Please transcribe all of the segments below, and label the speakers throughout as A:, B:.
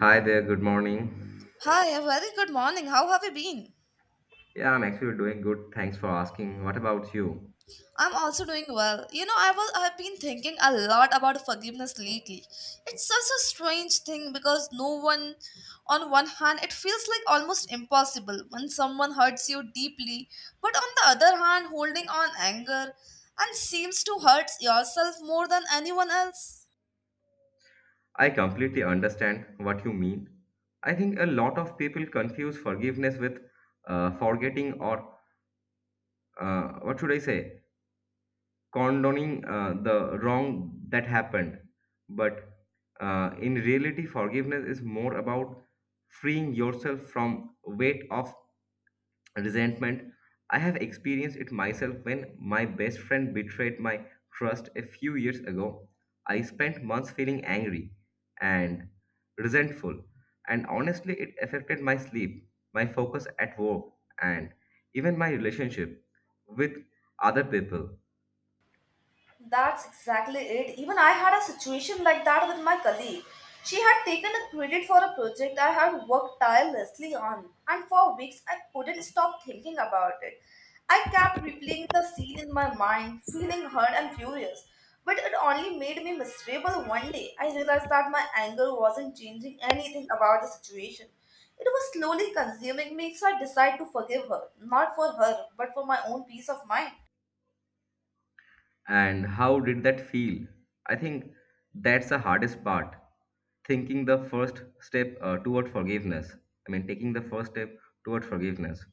A: Hi there, good morning.
B: Hi, a very good morning. How have you been?
A: Yeah, I'm actually doing good. Thanks for asking. What about you?
B: I'm also doing well. You know, I've been thinking a lot about forgiveness lately. It's such a strange thing because no one on one hand it feels like almost impossible when someone hurts you deeply, but on the other hand holding on anger and seems to hurt yourself more than anyone else.
A: I completely understand what you mean. I think a lot of people confuse forgiveness with forgetting or, what should I say, condoning the wrong that happened. But in reality, forgiveness is more about freeing yourself from weight of resentment. I have experienced it myself when my best friend betrayed my trust a few years ago. I spent months feeling angry and resentful, and honestly, it affected my sleep, my focus at work, and even my relationship with other people.
B: That's exactly it. Even I had a situation like that with my colleague. She had taken a credit for a project I had worked tirelessly on, and for weeks I couldn't stop thinking about it. I kept replaying the scene in my mind, feeling hurt and furious. But it only made me miserable one day. I realized that my anger wasn't changing anything about the situation. It was slowly consuming me, so I decided to forgive her, not for her, but for my own peace of mind.
A: And how did that feel? I think that's the hardest part thinking the first step toward forgiveness. I mean, taking the first step toward forgiveness.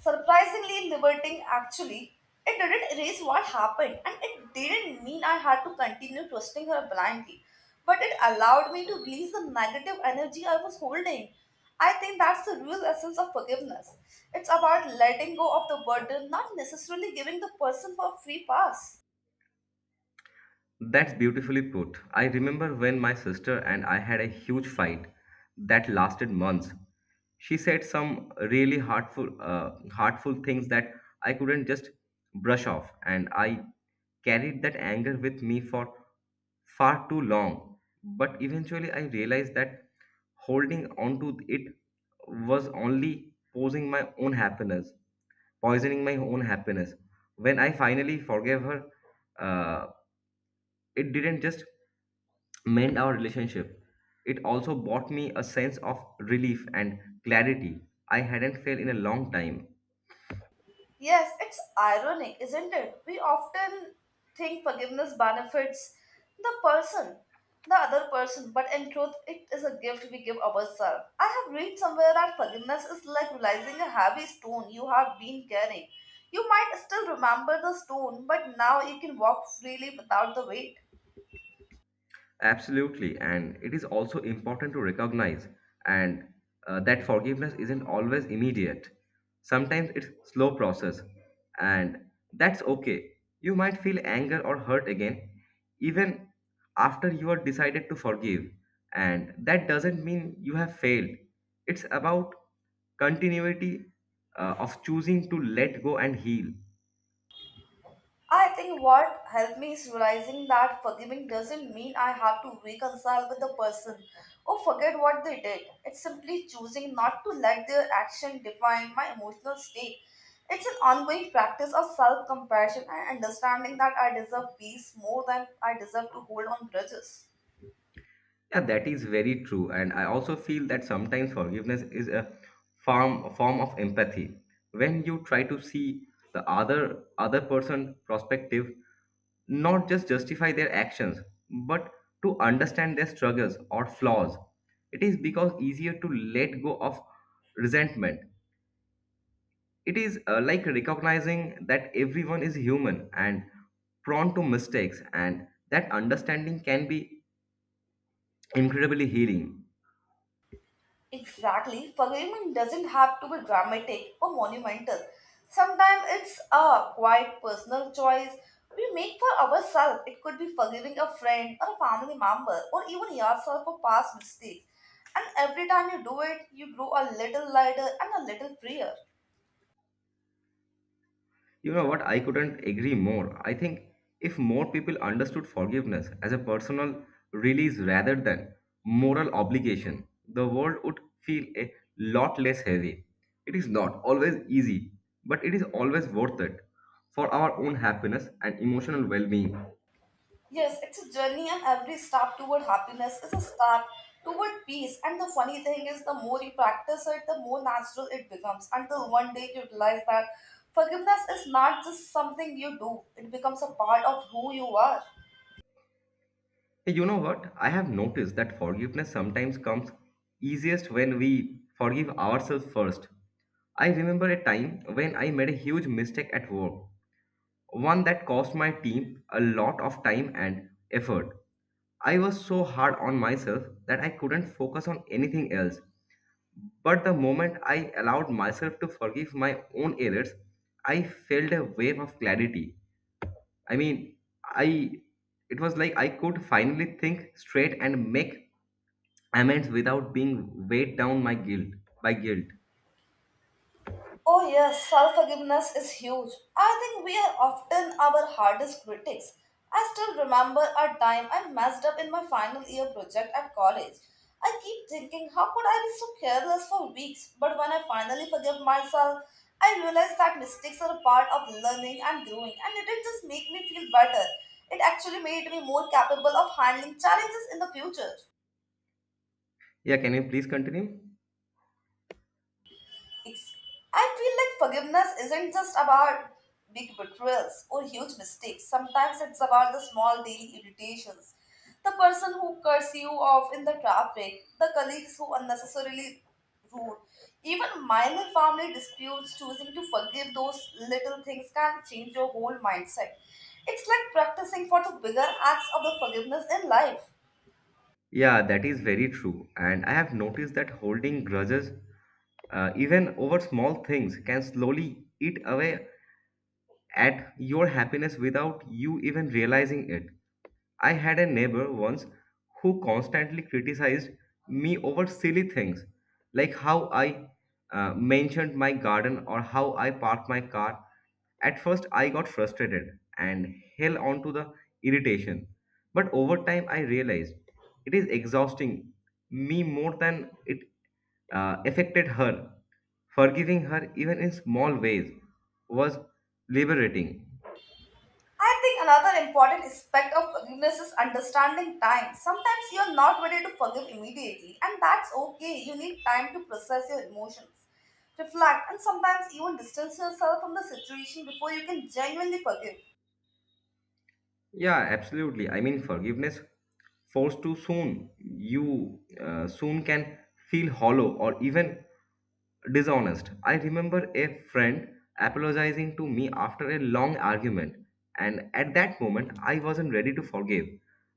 B: Surprisingly liberating actually. It didn't erase what happened and it didn't mean I had to continue trusting her blindly. But it allowed me to release the negative energy I was holding. I think that's the real essence of forgiveness. It's about letting go of the burden, not necessarily giving the person for a free pass.
A: That's beautifully put. I remember when my sister and I had a huge fight that lasted months. She said some really hurtful things that I couldn't just brush off, and I carried that anger with me for far too long. But eventually, I realized that holding on to it was only posing my own happiness, poisoning my own happiness. When I finally forgave her, uh, it didn't just mend our relationship. It also brought me a sense of relief and clarity I hadn't felt in a long time.
B: Yes, it's ironic, isn't it? We often think forgiveness benefits the person, the other person, but in truth, it is a gift we give ourselves. I have read somewhere that forgiveness is like realizing a heavy stone you have been carrying. You might still remember the stone, but now you can walk freely without the weight.
A: Absolutely, and it is also important to recognize and that forgiveness isn't always immediate. Sometimes it's slow process, and that's okay. You might feel anger or hurt again, even after you are decided to forgive, and that doesn't mean you have failed. It's about continuity of choosing to let go and heal.
B: I think what helped me is realizing that forgiving doesn't mean I have to reconcile with the person or forget what they did. It's simply choosing not to let their action define my emotional state. It's an ongoing practice of self compassion and understanding that I deserve peace more than I deserve to hold on grudges.
A: Yeah, that is very true. And I also feel that sometimes forgiveness is a form of empathy. When you try to see the other person perspective, not just justify their actions, but to understand their struggles or flaws. It is because easier to let go of resentment. It is like recognizing that everyone is human and prone to mistakes and that understanding can be incredibly healing.
B: Exactly. Forgiving doesn't have to be dramatic or monumental. Sometimes it's a quiet personal choice we make for ourselves. It could be forgiving a friend or a family member or even yourself for past mistakes. And every time you do it, you grow a little lighter and a little freer.
A: You know what? I couldn't agree more. I think if more people understood forgiveness as a personal release rather than moral obligation, the world would feel a lot less heavy. It is not always easy, but it is always worth it for our own happiness and emotional well being.
B: Yes, it's a journey, and every step toward happiness is a step toward peace. And the funny thing is, the more you practice it, the more natural it becomes. Until one day you realize that forgiveness is not just something you do, it becomes a part of who you are.
A: You know what? I have noticed that forgiveness sometimes comes easiest when we forgive ourselves first. I remember a time when I made a huge mistake at work one that cost my team a lot of time and effort. I was so hard on myself that I couldn't focus on anything else. But the moment I allowed myself to forgive my own errors, I felt a wave of clarity. I mean, I it was like I could finally think straight and make amends without being weighed down my guilt by guilt.
B: Oh, yes, self forgiveness is huge. I think we are often our hardest critics. I still remember a time I messed up in my final year project at college. I keep thinking, how could I be so careless for weeks? But when I finally forgive myself, I realize that mistakes are a part of learning and growing, and it didn't just make me feel better, it actually made me more capable of handling challenges in the future.
A: Yeah, can you please continue?
B: Ex- I feel like forgiveness isn't just about big betrayals or huge mistakes. Sometimes it's about the small daily irritations. The person who curses you off in the traffic, the colleagues who unnecessarily rude, even minor family disputes, choosing to forgive those little things can change your whole mindset. It's like practicing for the bigger acts of the forgiveness in life.
A: Yeah, that is very true. And I have noticed that holding grudges even over small things can slowly eat away at your happiness without you even realizing it. I had a neighbor once who constantly criticized me over silly things like how I mentioned my garden or how I parked my car. At first, I got frustrated and held on to the irritation. But over time, I realized it is exhausting me more than it affected her. Forgiving her, even in small ways, was liberating.
B: I think another important aspect of forgiveness is understanding time. Sometimes you're not ready to forgive immediately, and that's okay. You need time to process your emotions, reflect, and sometimes even distance yourself from the situation before you can genuinely forgive.
A: Yeah, absolutely. I mean, forgiveness forced too soon, you soon can feel hollow or even dishonest. I remember a friend apologizing to me after a long argument, and at that moment, I wasn't ready to forgive.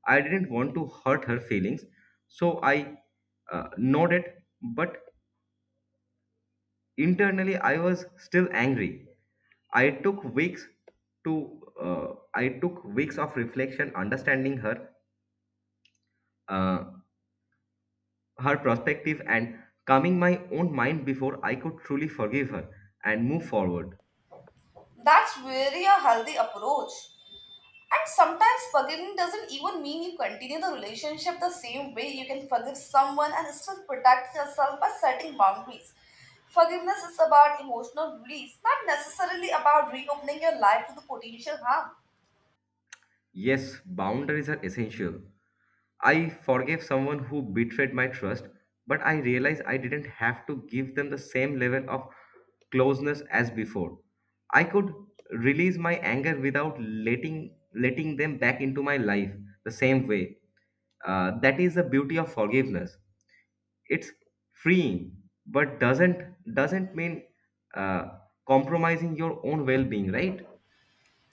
A: I didn't want to hurt her feelings, so I nodded but internally I was still angry. I took weeks to I took weeks of reflection understanding uh, her perspective and calming my own mind before I could truly forgive her and move forward.
B: That's really a healthy approach. And sometimes forgiving doesn't even mean you continue the relationship the same way. You can forgive someone and still protect yourself by setting boundaries. Forgiveness is about emotional release, not necessarily about reopening your life to the potential harm.
A: Yes, boundaries are essential. I forgave someone who betrayed my trust, but I realized I didn't have to give them the same level of closeness as before. I could release my anger without letting them back into my life the same way. That is the beauty of forgiveness. It's freeing, but doesn't mean uh, compromising your own well-being, right?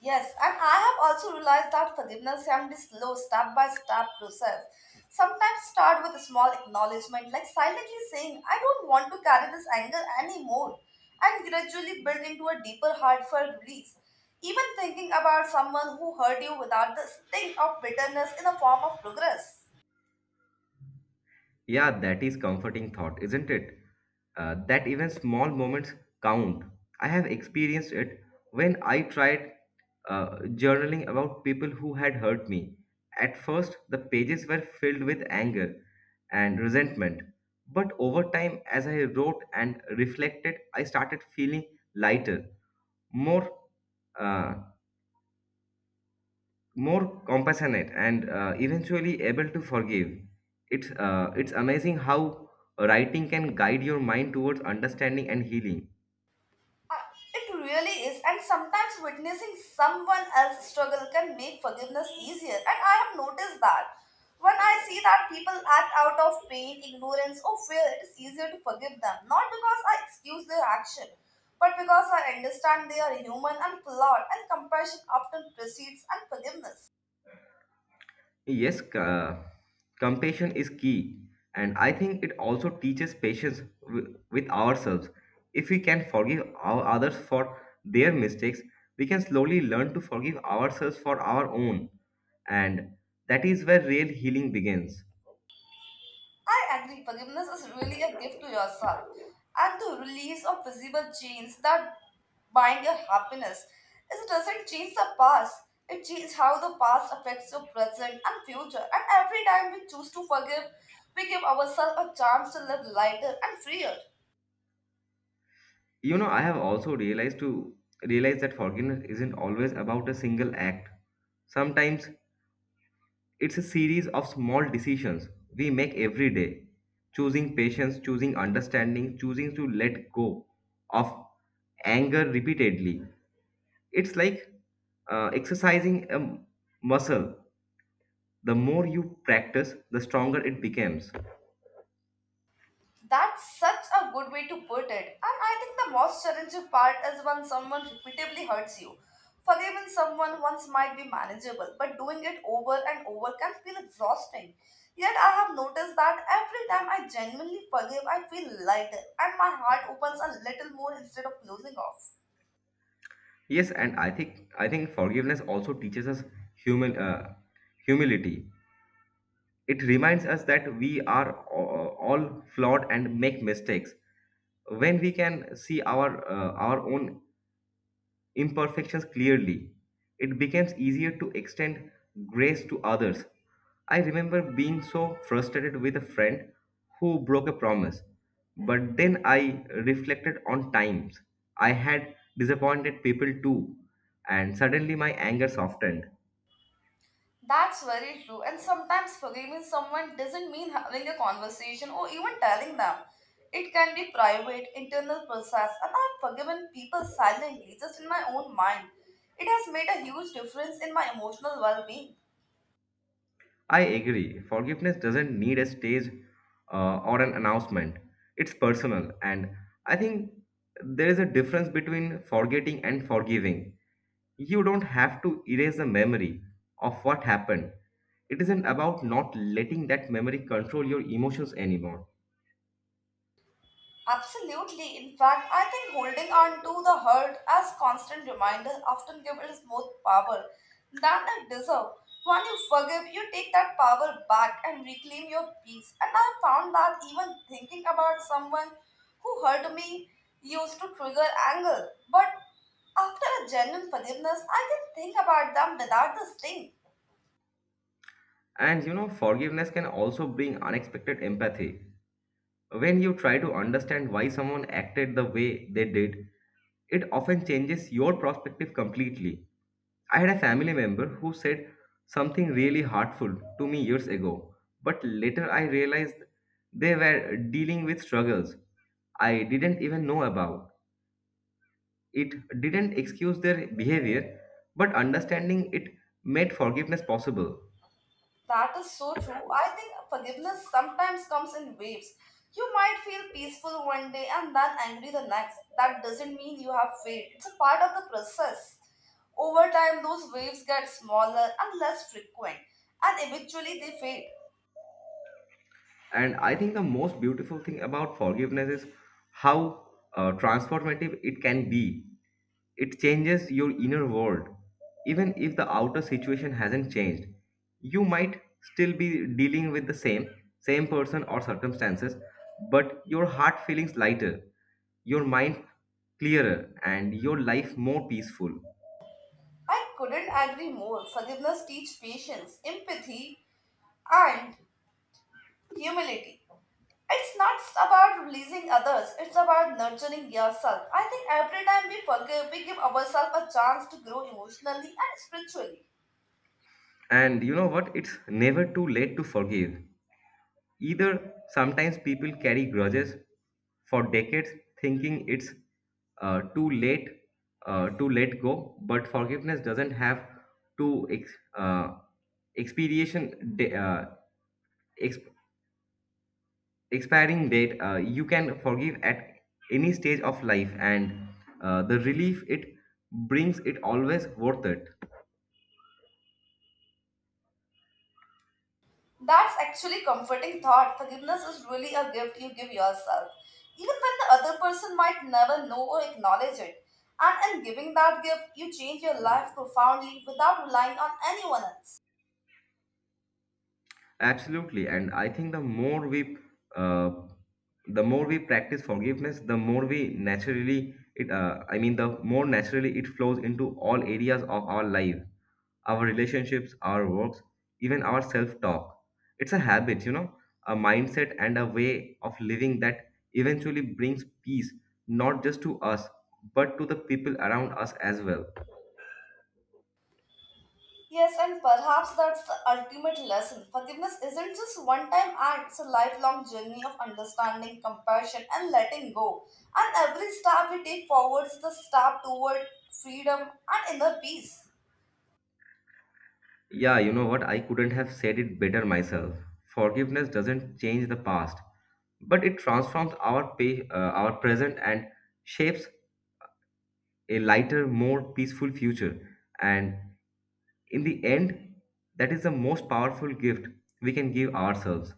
B: Yes, and I have also realized that forgiveness can be slow, step by step process. Sometimes start with a small acknowledgement, like silently saying, I don't want to carry this anger anymore, and gradually build into a deeper, heartfelt release. Even thinking about someone who hurt you without the sting of bitterness in a form of progress.
A: Yeah, that is comforting thought, isn't it? That even small moments count. I have experienced it when I tried journaling about people who had hurt me. At first, the pages were filled with anger and resentment. But over time, as I wrote and reflected, I started feeling lighter, more uh, more compassionate and eventually able to forgive. It's amazing how writing can guide your mind towards understanding and healing.
B: Uh, It really is, and sometimes witnessing someone else's struggle can make forgiveness easier. And I have noticed that when I see that people act out of pain, ignorance, or fear, it is easier to forgive them. Not because I excuse their action, but because I understand they are human and flawed, and compassion often precedes and forgiveness.
A: Yes, compassion is key, and I think it also teaches patience with ourselves. If we can forgive our others for their mistakes, we can slowly learn to forgive ourselves for our own, and that is where real healing begins.
B: I agree, forgiveness is really a gift to yourself and the release of visible chains that bind your happiness. It doesn't change the past, it changes how the past affects your present and future. And every time we choose to forgive, we give ourselves a chance to live lighter and freer.
A: You know, I have also realized to realize that forgiveness isn't always about a single act. Sometimes it's a series of small decisions we make every day, choosing patience, choosing understanding, choosing to let go of anger repeatedly. It's like exercising a muscle. The more you practice, the stronger it becomes.
B: That's such a good way to put it. And I think the most challenging part is when someone repeatedly hurts you. Forgiving someone once might be manageable, but doing it over and over can feel exhausting. Yet I have noticed that every time I genuinely forgive, I feel lighter and my heart opens a little more instead of closing off.
A: Yes, and I think forgiveness also teaches us human humility. It reminds us that we are all flawed and make mistakes. When we can see our own imperfections clearly, it becomes easier to extend grace to others. I remember being so frustrated with a friend who broke a promise, but then I reflected on times I had disappointed people too, and suddenly my anger softened.
B: That's very true. And sometimes forgiving someone doesn't mean having a conversation or even telling them. It can be private, internal process, and I've forgiven people silently, just in my own mind. It has made a huge difference in my emotional well-being.
A: I agree. Forgiveness doesn't need a stage or an announcement. It's personal. And I think there is a difference between forgetting and forgiving. You don't have to erase the memory of what happened. It isn't about not letting that memory control your emotions anymore.
B: Absolutely. In fact, I think holding on to the hurt as constant reminder often gives us more power than it deserves. When you forgive, you take that power back and reclaim your peace. And I found that even thinking about someone who hurt me used to trigger anger. But after a genuine forgiveness, I can think about them without the sting.
A: And forgiveness can also bring unexpected empathy. When you try to understand why someone acted the way they did, it often changes your perspective completely. I had a family member who said something really hurtful to me years ago, but later I realized they were dealing with struggles I didn't even know about. It didn't excuse their behavior, but understanding it made forgiveness possible.
B: That is so true. I think forgiveness sometimes comes in waves. You might feel peaceful one day and then angry the next. That doesn't mean you have failed, it's a part of the process. Over time, those waves get smaller and less frequent, and eventually they fade.
A: And I think the most beautiful thing about forgiveness is how transformative it can be. It changes your inner world. Even if the outer situation hasn't changed, you might still be dealing with the same person or circumstances, but your heart feelings lighter, your mind clearer, and your life more peaceful.
B: I couldn't agree more. Forgiveness teaches patience, empathy, and humility. It's not about releasing others, it's about nurturing yourself. I think every time we forgive, we give ourselves a chance to grow emotionally and spiritually.
A: And you know what? It's never too late to forgive. Either sometimes people carry grudges for decades, thinking it's too late to let go, but forgiveness doesn't have to expiration da- uh, ex- expiring date. You can forgive at any stage of life, and the relief it brings it always worth it.
B: That's actually comforting thought. Forgiveness is really a gift you give yourself, even when the other person might never know or acknowledge it. And in giving that gift, you change your life profoundly without relying on anyone else.
A: Absolutely, and I think uh, the more we practice forgiveness, the more we naturally it. I mean, the more naturally it flows into all areas of our life, our relationships, our works, even our self-talk. It's a habit, a mindset and a way of living that eventually brings peace, not just to us, but to the people around us as well.
B: Yes, and perhaps that's the ultimate lesson. Forgiveness isn't just one time act, it's a lifelong journey of understanding, compassion, and letting go. And every step we take forward is the step toward freedom and inner peace.
A: Yeah, you know what? I couldn't have said it better myself. Forgiveness doesn't change the past, but it transforms our present and shapes a lighter, more peaceful future. And in the end, that is the most powerful gift we can give ourselves.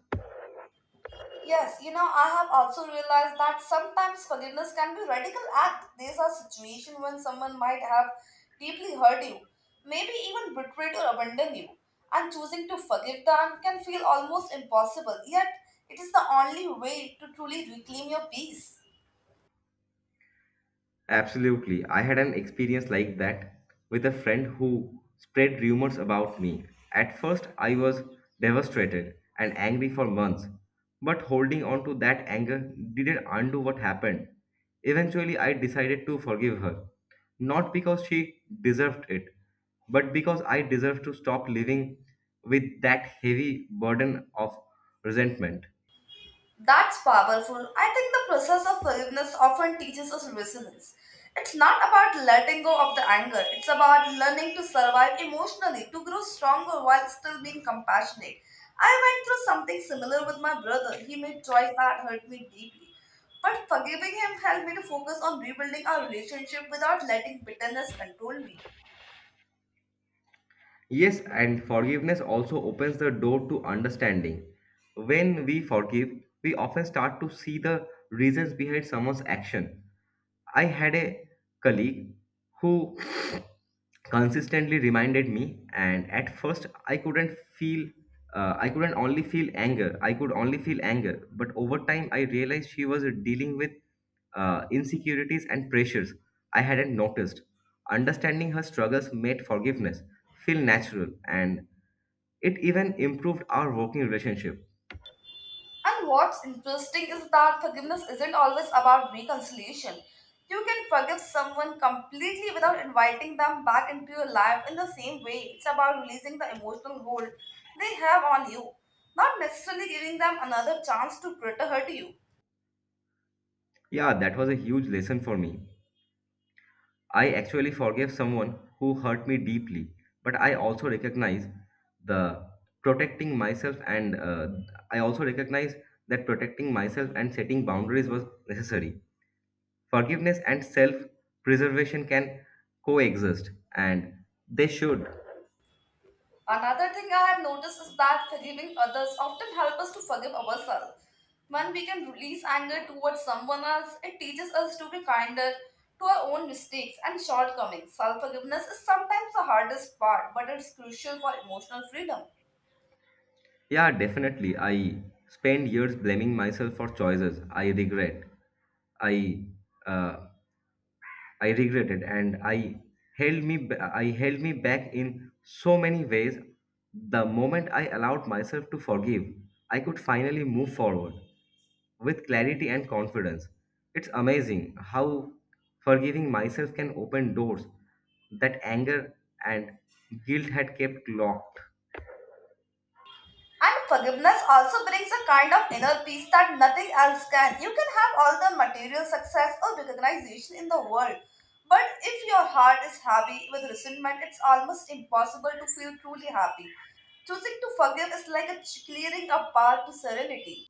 B: Yes, you know, I have also realized that sometimes forgiveness can be a radical act. These are situations when someone might have deeply hurt you, maybe even betrayed or abandoned you, and choosing to forgive them can feel almost impossible. Yet, it is the only way to truly reclaim your peace.
A: Absolutely. I had an experience like that with a friend who spread rumors about me. At first, I was devastated and angry for months, but holding on to that anger didn't undo what happened. Eventually, I decided to forgive her, not because she deserved it, but because I deserved to stop living with that heavy burden of resentment.
B: That's powerful. I think the process of forgiveness often teaches us resilience. It's not about letting go of the anger, it's about learning to survive emotionally, to grow stronger while still being compassionate. I went through something similar with my brother. He made choice that hurt me deeply. But forgiving him helped me to focus on rebuilding our relationship without letting bitterness control me.
A: Yes, and forgiveness also opens the door to understanding. When we forgive, we often start to see the reasons behind someone's action. I had a colleague who consistently reminded me and at first I couldn't only feel anger I could only feel anger but over time I realized she was dealing with insecurities and pressures I hadn't noticed. Understanding her struggles made forgiveness feel natural and it even improved our working relationship.
B: And what's interesting is that forgiveness isn't always about reconciliation. You can forgive someone completely without inviting them back into your life in the same way. It's about releasing the emotional hold they have on you, not necessarily giving them another chance to hurt you.
A: Yeah, that was a huge lesson for me. I actually forgave someone who hurt me deeply, but the protecting myself and uh, I also recognize that protecting myself and setting boundaries was necessary. Forgiveness and self-preservation can coexist and they should.
B: Another thing I have noticed is that forgiving others often helps us to forgive ourselves. When we can release anger towards someone else, it teaches us to be kinder to our own mistakes and shortcomings. Self forgiveness is sometimes the hardest part, but it's crucial for emotional freedom.
A: Yeah, definitely. I spent years blaming myself for choices I regret. I uh, I regretted and I held me back in so many ways. The moment I allowed myself to forgive, I could finally move forward with clarity and confidence. It's amazing how forgiving myself can open doors that anger and guilt had kept locked.
B: And forgiveness also brings a kind of inner peace that nothing else can. You can have all the material success or recognition in the world, but if your heart is heavy with resentment, it's almost impossible to feel truly happy. Choosing to forgive is like clearing a path to serenity.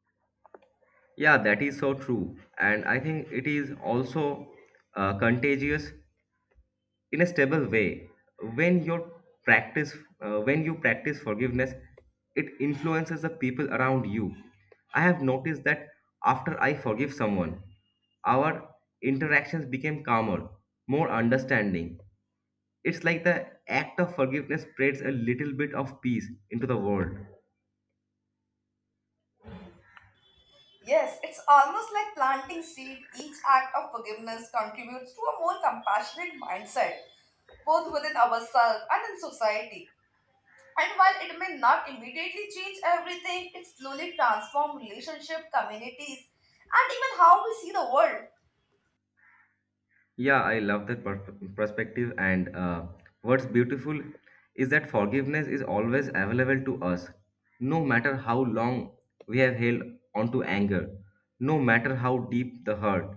A: Yeah, that is so true. And I think it is also contagious in a stable way when your practice when you practice forgiveness, it influences the people around you. I have noticed that after I forgive someone, our interactions became calmer, more understanding. It's like the act of forgiveness spreads a little bit of peace into the world.
B: Yes, it's almost like planting seed. Each act of forgiveness contributes to a more compassionate mindset, both within ourselves and in society. And while it may not immediately change everything, it slowly transforms relationship, communities, and even how we see the world.
A: Yeah, I love that perspective. And what's beautiful is that forgiveness is always available to us, no matter how long we have held onto anger, no matter how deep the hurt.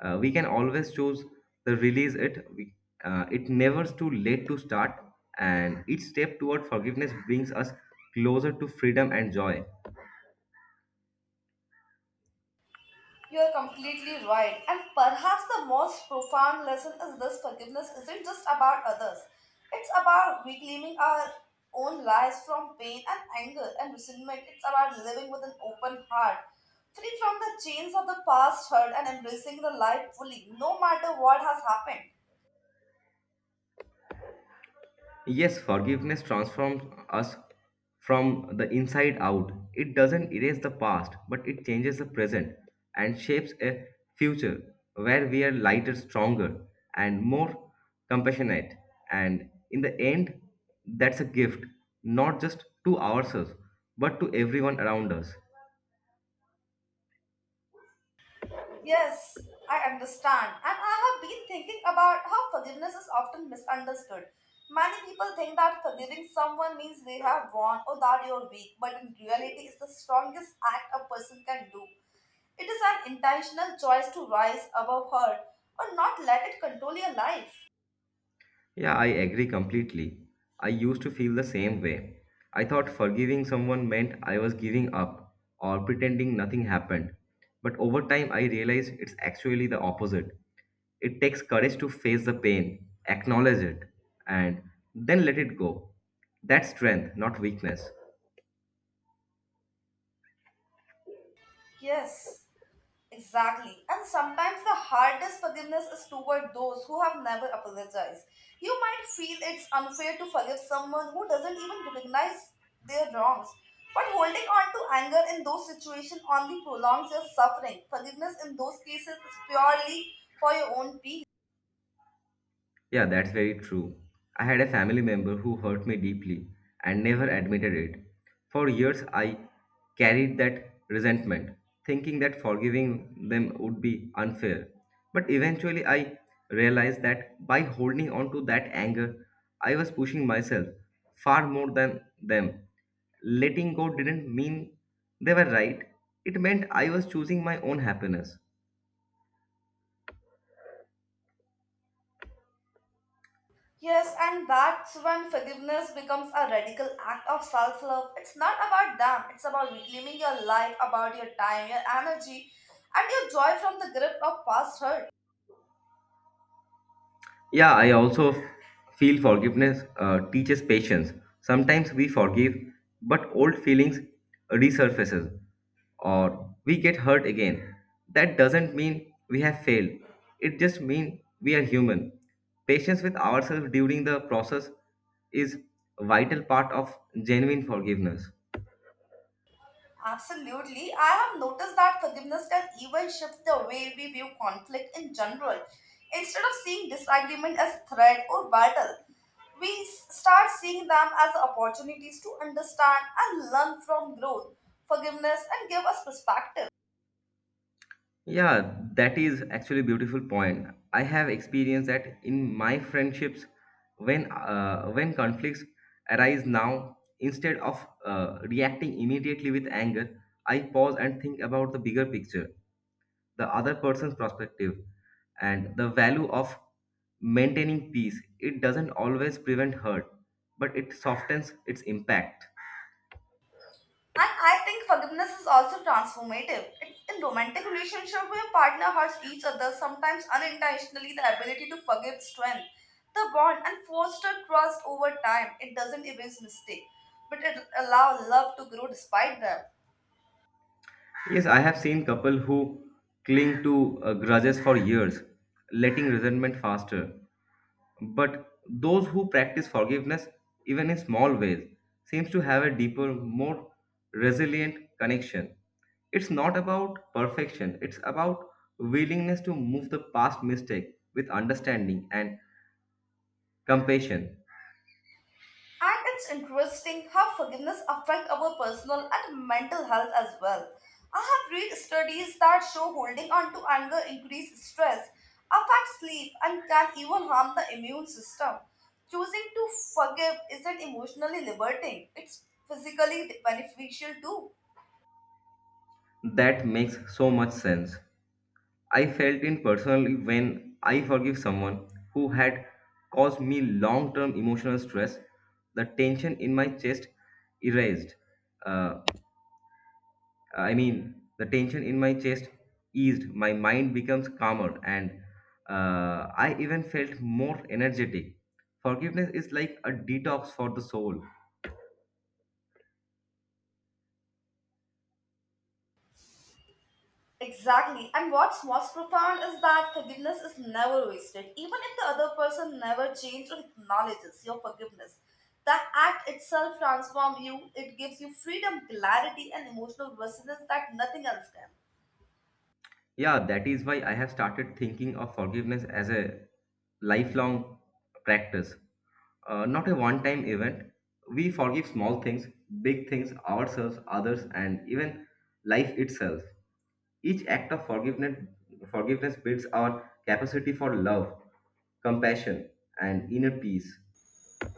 A: We can always choose to release it. It never's too late to start, and each step toward forgiveness brings us closer to freedom and joy.
B: You are completely right. And perhaps the most profound lesson is this forgiveness isn't just about others, it's about reclaiming our own lives from pain and anger and resentment. It's about living with an open heart, free from the chains of the past hurt, and embracing the life fully, no matter what has happened.
A: Yes, forgiveness transforms us from the inside out. It doesn't erase the past, but it changes the present and shapes a future where we are lighter, stronger, and more compassionate. And in the end, that's a gift, not just to ourselves, but to everyone around us.
B: Yes, I understand. And I have been thinking about how forgiveness is often misunderstood. Many people think that forgiving someone means they have wrong or that you're weak, but in reality, it's the strongest act a person can do. It is an intentional choice to rise above hurt or not let it control your life.
A: Yeah, I agree completely. I used to feel the same way. I thought forgiving someone meant I was giving up or pretending nothing happened. But over time, I realized it's actually the opposite. It takes courage to face the pain, acknowledge it, and then let it go. That's strength, not weakness.
B: Yes. Exactly. And sometimes the hardest forgiveness is toward those who have never apologized. You might feel it's unfair to forgive someone who doesn't even recognize their wrongs. But holding on to anger in those situations only prolongs your suffering. Forgiveness in those cases is purely for your own peace.
A: Yeah, that's very true. I had a family member who hurt me deeply and never admitted it. For years, I carried that resentment, thinking that forgiving them would be unfair. But eventually, I realized that by holding on to that anger, I was pushing myself far more than them. Letting go didn't mean they were right, it meant I was choosing my own happiness.
B: Yes, and that's when forgiveness becomes a radical act of self love. It's not about them, it's about reclaiming your life, about your time, your energy, and your joy from the grip of past hurt.
A: Yeah, I also feel forgiveness teaches patience. Sometimes we forgive, but old feelings resurfaces or we get hurt again. That doesn't mean we have failed. It just means we are human. Patience with ourselves during the process is vital part of genuine forgiveness.
B: Absolutely. I have noticed that forgiveness can even shift the way we view conflict in general. Instead of seeing disagreement as threat or battle, start seeing them as opportunities to understand and learn from growth, forgiveness, and give us perspective.
A: Yeah, that is actually a beautiful point. I have experienced that in my friendships when conflicts arise now instead of reacting immediately with anger, I pause and think about the bigger picture, the other person's perspective and the value of maintaining peace. It doesn't always prevent hurt, but it softens its impact.
B: And I think forgiveness is also transformative. It, in romantic relationship where partner hurts each other, sometimes unintentionally, the ability to forgive strength, the bond and foster trust over time. It doesn't erase mistake, but it allows love to grow despite them.
A: Yes, I have seen couple who cling to grudges for years, letting resentment faster. But those who practice forgiveness, even in small ways, seems to have a deeper, more resilient connection. It's not about perfection, it's about willingness to move the past mistake with understanding and compassion.
B: And it's interesting how forgiveness affects our personal and mental health as well. I have read studies that show holding on to anger increases stress, affects sleep, and can even harm the immune system. Choosing to forgive isn't emotionally liberating, it's physically beneficial too.
A: That makes so much sense. I felt it personally when I forgive someone who had caused me long term emotional stress, the tension in my chest erased. Uh, I mean, the tension in my chest eased, my mind becomes calmer, and I even felt more energetic. Forgiveness is like a detox for the soul.
B: Exactly. And what's most profound is that forgiveness is never wasted. Even if the other person never changes or acknowledges your forgiveness, the act itself transforms you. It gives you freedom, clarity, and emotional resilience that nothing else can.
A: Yeah, that is why I have started thinking of forgiveness as a lifelong practice, not a one time event. We forgive small things, big things, ourselves, others, and even life itself. Each act of forgiveness builds our capacity for love compassion, and inner peace.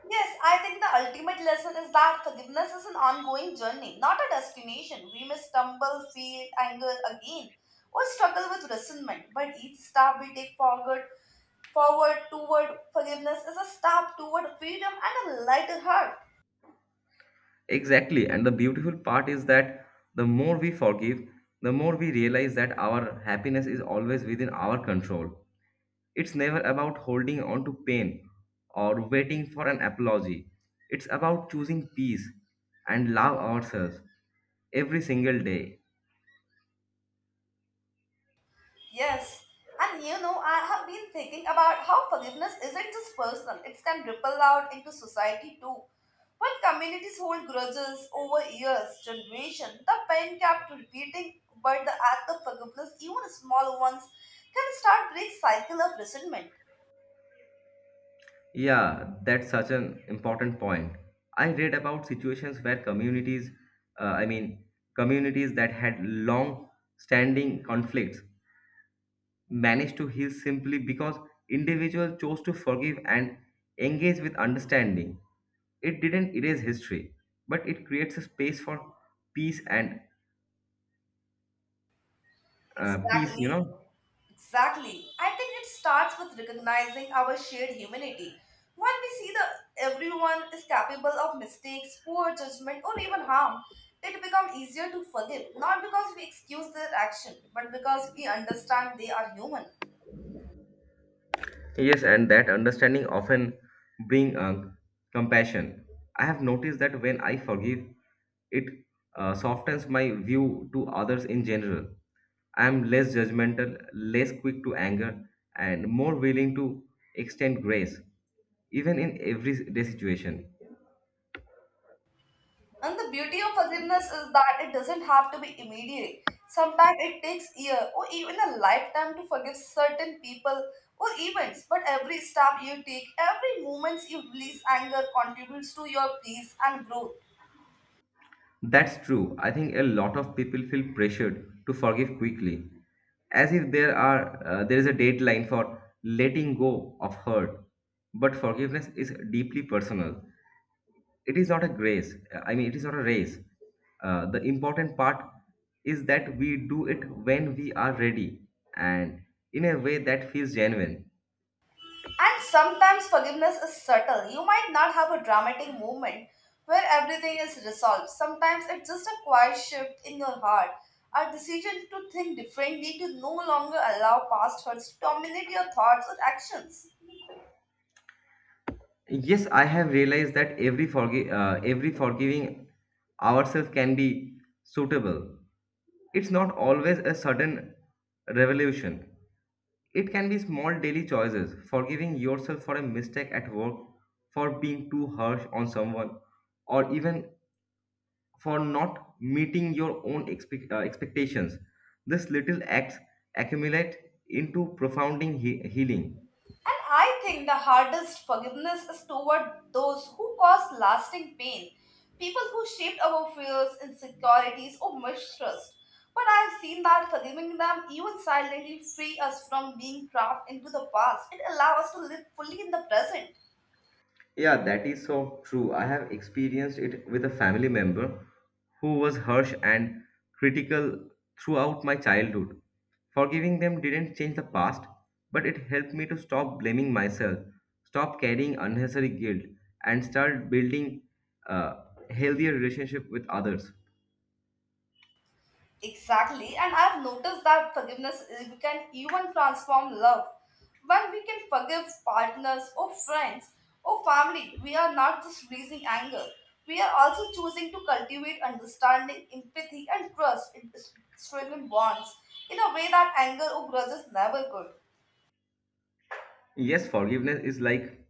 B: Yes, I think the ultimate lesson is that forgiveness is an ongoing journey, not a destination. We may stumble, feel anger again, or struggle with resentment, but each step we take forward toward forgiveness is a step toward freedom and a lighter heart.
A: Exactly. And the beautiful part is that the more we forgive, the more we realize that our happiness is always within our control. It's never about holding on to pain or waiting for an apology. It's about choosing peace and love ourselves every single day.
B: Yes, and you know, I have been thinking about how forgiveness isn't just personal, it can ripple out into society too. When communities hold grudges over years, generation, the pain kept repeating, but the act of forgiveness, even small ones, can start break cycle of resentment.
A: Yeah, that's such an important point. I read about situations where uh, I mean, communities that had long standing conflicts managed to heal simply because individuals chose to forgive and engage with understanding. It didn't erase history, but it creates a space for peace and peace, you
B: Exactly.
A: know.
B: Exactly. I think it starts with recognizing our shared humanity. When we see that everyone is capable of mistakes, poor judgment, or even harm, it becomes easier to forgive, not because we excuse their action, but because we understand they are human.
A: Yes, and that understanding often bring compassion. I have noticed that when I forgive, it softens my view to others in general. I am less judgmental, less quick to anger, and more willing to extend grace, even in everyday situation.
B: And the beauty of forgiveness is that it doesn't have to be immediate. Sometimes it takes year or even a lifetime to forgive certain people or events. But every step you take, every moment you release anger contributes to your peace and growth.
A: That's true. I think a lot of people feel pressured to forgive quickly, as if there is a deadline for letting go of hurt. But forgiveness is deeply personal. It is not a grace. I mean, it is not a race. The important part is that we do it when we are ready and in a way that feels genuine.
B: And sometimes forgiveness is subtle. You might not have a dramatic moment where everything is resolved. Sometimes it's just a quiet shift in your heart, a decision to think differently, to no longer allow past hurts to dominate your thoughts or actions.
A: Yes, I have realized that every forgiving ourselves can be suitable. It's not always a sudden revolution. It can be small daily choices, forgiving yourself for a mistake at work, for being too harsh on someone, or even for not meeting your own expectations. These little acts accumulate into profounding healing.
B: And I think the hardest forgiveness is toward those who cause lasting pain, people who shaped our fears, insecurities, or mistrust. But I have seen that forgiving them, even silently, free us from being trapped into the past. It allows us to live fully in the present.
A: Yeah, that is so true. I have experienced it with a family member who was harsh and critical throughout my childhood. Forgiving them didn't change the past, but it helped me to stop blaming myself, stop carrying unnecessary guilt, and start building a healthier relationship with others.
B: Exactly, and I've noticed that forgiveness is, can even transform love. When we can forgive partners or friends or family, we are not just releasing anger. We are also choosing to cultivate understanding, empathy, and trust in strengthen bonds in a way that anger or grudges never could.
A: Yes, forgiveness is like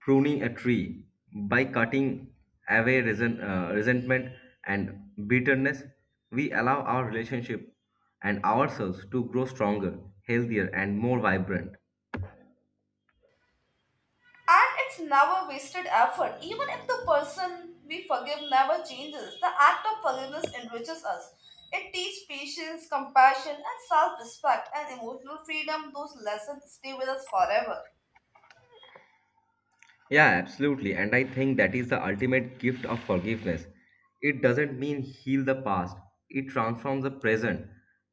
A: pruning a tree by cutting away resentment and bitterness. We allow our relationship and ourselves to grow stronger, healthier, and more vibrant.
B: And it's never wasted effort. Even if the person we forgive never changes, the act of forgiveness enriches us. It teaches patience, compassion, and self respect and emotional freedom. Those lessons stay with us forever.
A: Yeah, absolutely. And I think that is the ultimate gift of forgiveness. It doesn't mean heal the past, it transforms the present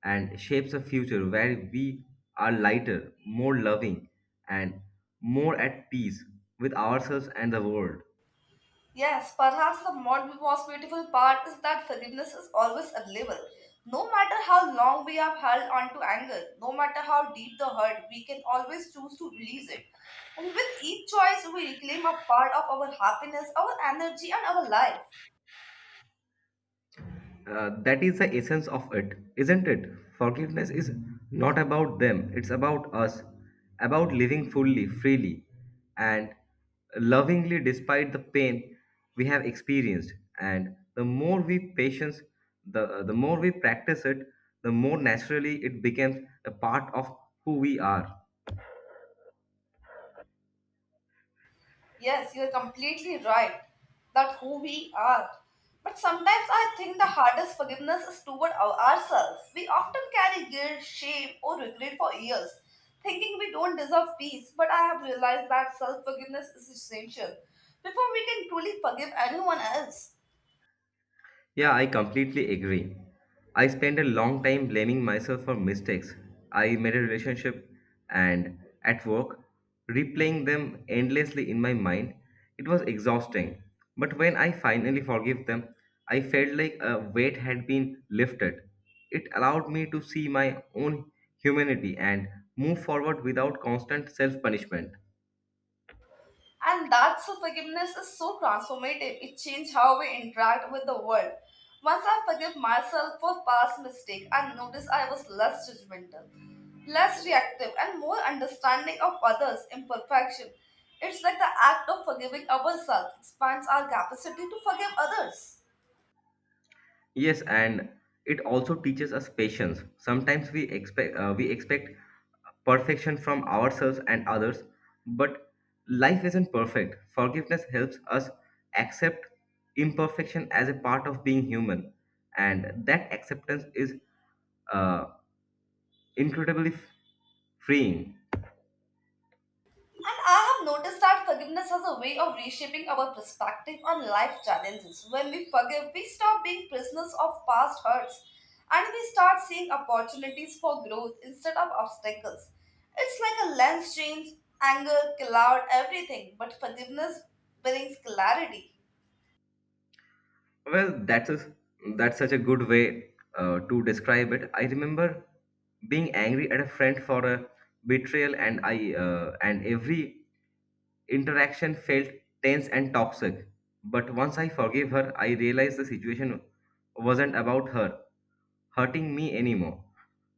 A: and shapes a future where we are lighter, more loving, and more at peace with ourselves and the world.
B: Yes, perhaps the most beautiful part is that forgiveness is always available. No matter how long we have held on to anger, no matter how deep the hurt, we can always choose to release it. And with each choice, we reclaim a part of our happiness, our energy, and our life.
A: That is the essence of it, isn't it? Forgiveness is not about them, it's about us, about living fully, freely, and lovingly despite the pain we have experienced. And the more we practice it, the more naturally it becomes a part of who we are.
B: Yes, you're completely right. That who we are. But sometimes I think the hardest forgiveness is toward ourselves. We often carry guilt, shame, or regret for years, thinking we don't deserve peace. But I have realized that self forgiveness is essential before we can truly forgive anyone else.
A: Yeah, I completely agree. I spent a long time blaming myself for mistakes I made a relationship and at work, replaying them endlessly in my mind. It was exhausting. But when I finally forgave them, I felt like a weight had been lifted. It allowed me to see my own humanity and move forward without constant self punishment.
B: And that so forgiveness is so transformative. It changes how we interact with the world. Once I forgive myself for past mistake, I notice I was less judgmental, less reactive, and more understanding of others' imperfection. It's like the act of forgiving ourselves expands our capacity to forgive others.
A: Yes, and it also teaches us patience. Sometimes we expect perfection from ourselves and others, but life isn't perfect. Forgiveness helps us accept imperfection as a part of being human, and that acceptance is uh, incredibly freeing.
B: And I have noticed that forgiveness has a way of reshaping our perspective on life challenges. When we forgive, we stop being prisoners of past hurts and we start seeing opportunities for growth instead of obstacles. It's like a lens change, anger, cloud, everything, but forgiveness brings clarity.
A: Well, that's such a good way to describe it. I remember being angry at a friend for a betrayal, and every Interaction felt tense and toxic. But once I forgave her, I realized the situation wasn't about her hurting me anymore.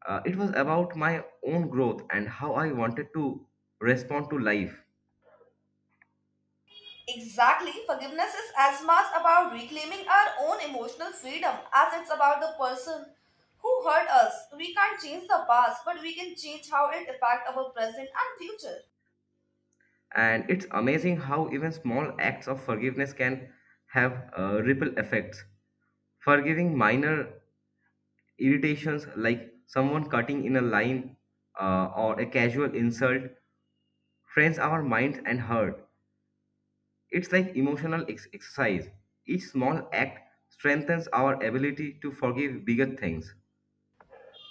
A: It was about my own growth and how I wanted to respond to life.
B: Exactly. Forgiveness is as much about reclaiming our own emotional freedom as it's about the person who hurt us. We can't change the past, but we can change how it affects our present and future.
A: And it's amazing how even small acts of forgiveness can have ripple effects. Forgiving minor irritations like someone cutting in a line or a casual insult trains our minds and heart. It's like emotional exercise. Each small act strengthens our ability to forgive bigger things.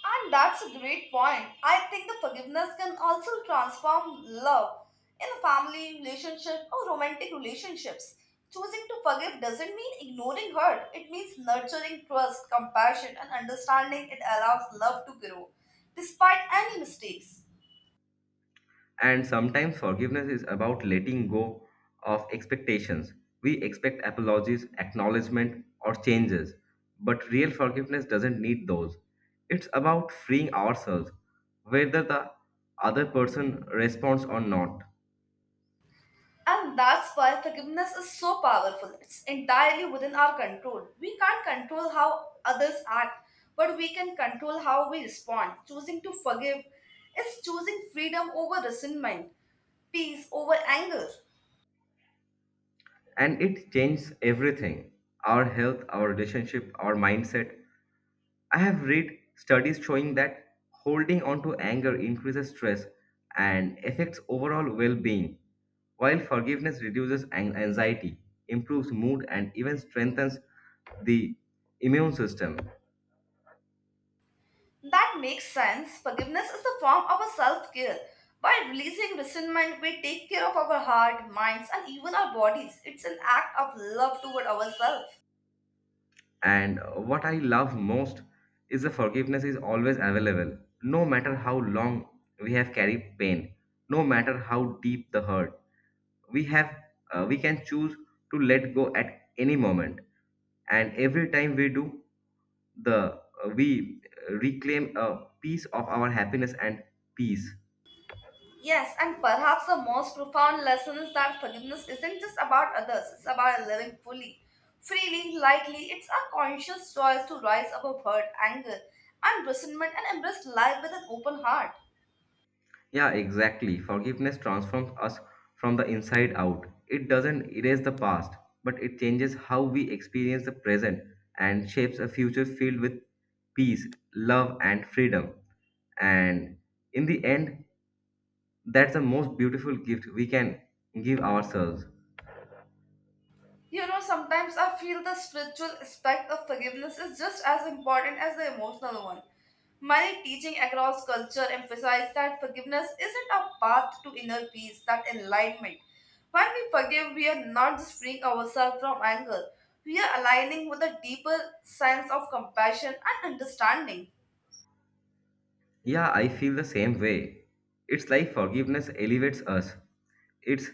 B: And that's a great point. I think the forgiveness can also transform love in a family relationship or romantic relationships. Choosing to forgive doesn't mean ignoring hurt. It means nurturing trust, compassion, and understanding. It allows love to grow despite any mistakes.
A: And sometimes forgiveness is about letting go of expectations. We expect apologies, acknowledgement, or changes. But real forgiveness doesn't need those. It's about freeing ourselves, whether the other person responds or not.
B: And that's why forgiveness is so powerful. It's entirely within our control. We can't control how others act, but we can control how we respond. Choosing to forgive is choosing freedom over resentment, peace over anger.
A: And it changes everything: our health, our relationship, our mindset. I have read studies showing that holding on to anger increases stress and affects overall well-being, while forgiveness reduces anxiety, improves mood, and even strengthens the immune system.
B: That makes sense. Forgiveness is a form of a self care. By releasing resentment, we take care of our heart, minds, and even our bodies. It's an act of love toward ourselves.
A: And what I love most is the forgiveness is always available, no matter how long we have carried pain, no matter how deep the hurt. we have we can choose to let go at any moment, and every time we do, the we reclaim a piece of our happiness and peace.
B: Yes, and perhaps the most profound lesson is that forgiveness isn't just about others, it's about living fully, freely, lightly. It's a conscious choice to rise above hurt, anger, and resentment and embrace life with an open heart.
A: Yeah, exactly. Forgiveness transforms us from the inside out. It doesn't erase the past, but it changes how we experience the present and shapes a future filled with peace, love, and freedom. And in the end, that's the most beautiful gift we can give ourselves.
B: You know, sometimes I feel the spiritual aspect of forgiveness is just as important as the emotional one. Many teaching across culture emphasize that forgiveness isn't a path to inner peace, that enlightenment. When we forgive, we are not just freeing ourselves from anger, we are aligning with a deeper sense of compassion and understanding.
A: Yeah, I feel the same way. It's like forgiveness elevates us. It's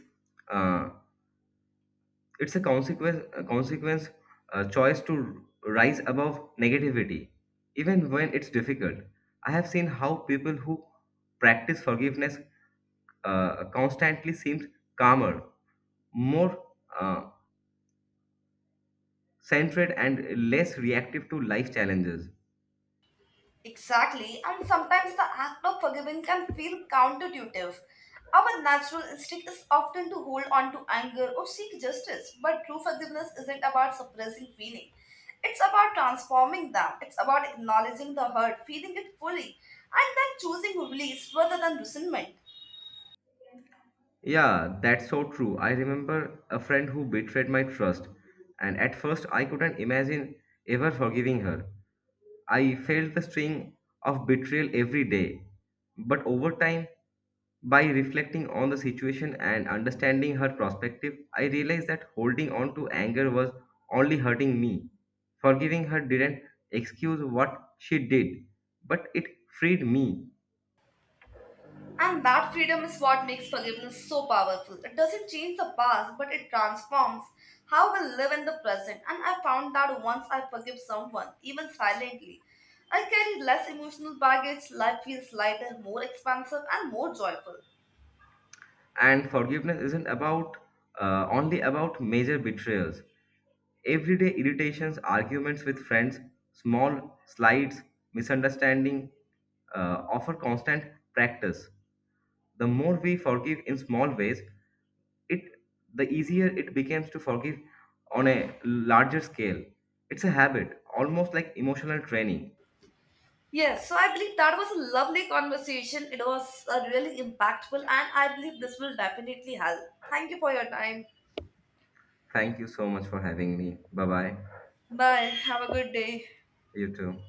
A: uh, it's a choice to rise above negativity, even when it's difficult. I have seen how people who practice forgiveness constantly seems calmer, more uh, centered, and less reactive to life challenges.
B: Exactly, and sometimes the act of forgiving can feel counterintuitive. Our natural instinct is often to hold on to anger or seek justice, but true forgiveness isn't about suppressing feeling. It's about transforming them. It's about acknowledging the hurt, feeling it fully, and then choosing release rather than resentment.
A: Yeah, that's so true. I remember a friend who betrayed my trust, and at first I couldn't imagine ever forgiving her. I felt the sting of betrayal every day. But over time, by reflecting on the situation and understanding her perspective, I realized that holding on to anger was only hurting me. Forgiving her didn't excuse what she did, but it freed me.
B: And that freedom is what makes forgiveness so powerful. It doesn't change the past, but it transforms how we live in the present. And I found that once I forgive someone, even silently, I carry less emotional baggage, life feels lighter, more expansive, and more joyful.
A: And forgiveness isn't about only about major betrayals. Everyday irritations, arguments with friends, small slights, misunderstanding offer constant practice. The more we forgive in small ways, it the easier it becomes to forgive on a larger scale. It's a habit, almost like emotional training.
B: Yes, so I believe that was a lovely conversation. It was really impactful, and I believe this will definitely help. Thank you for your time.
A: Thank you so much for having me. Bye bye.
B: Bye. Have a good day.
A: You too.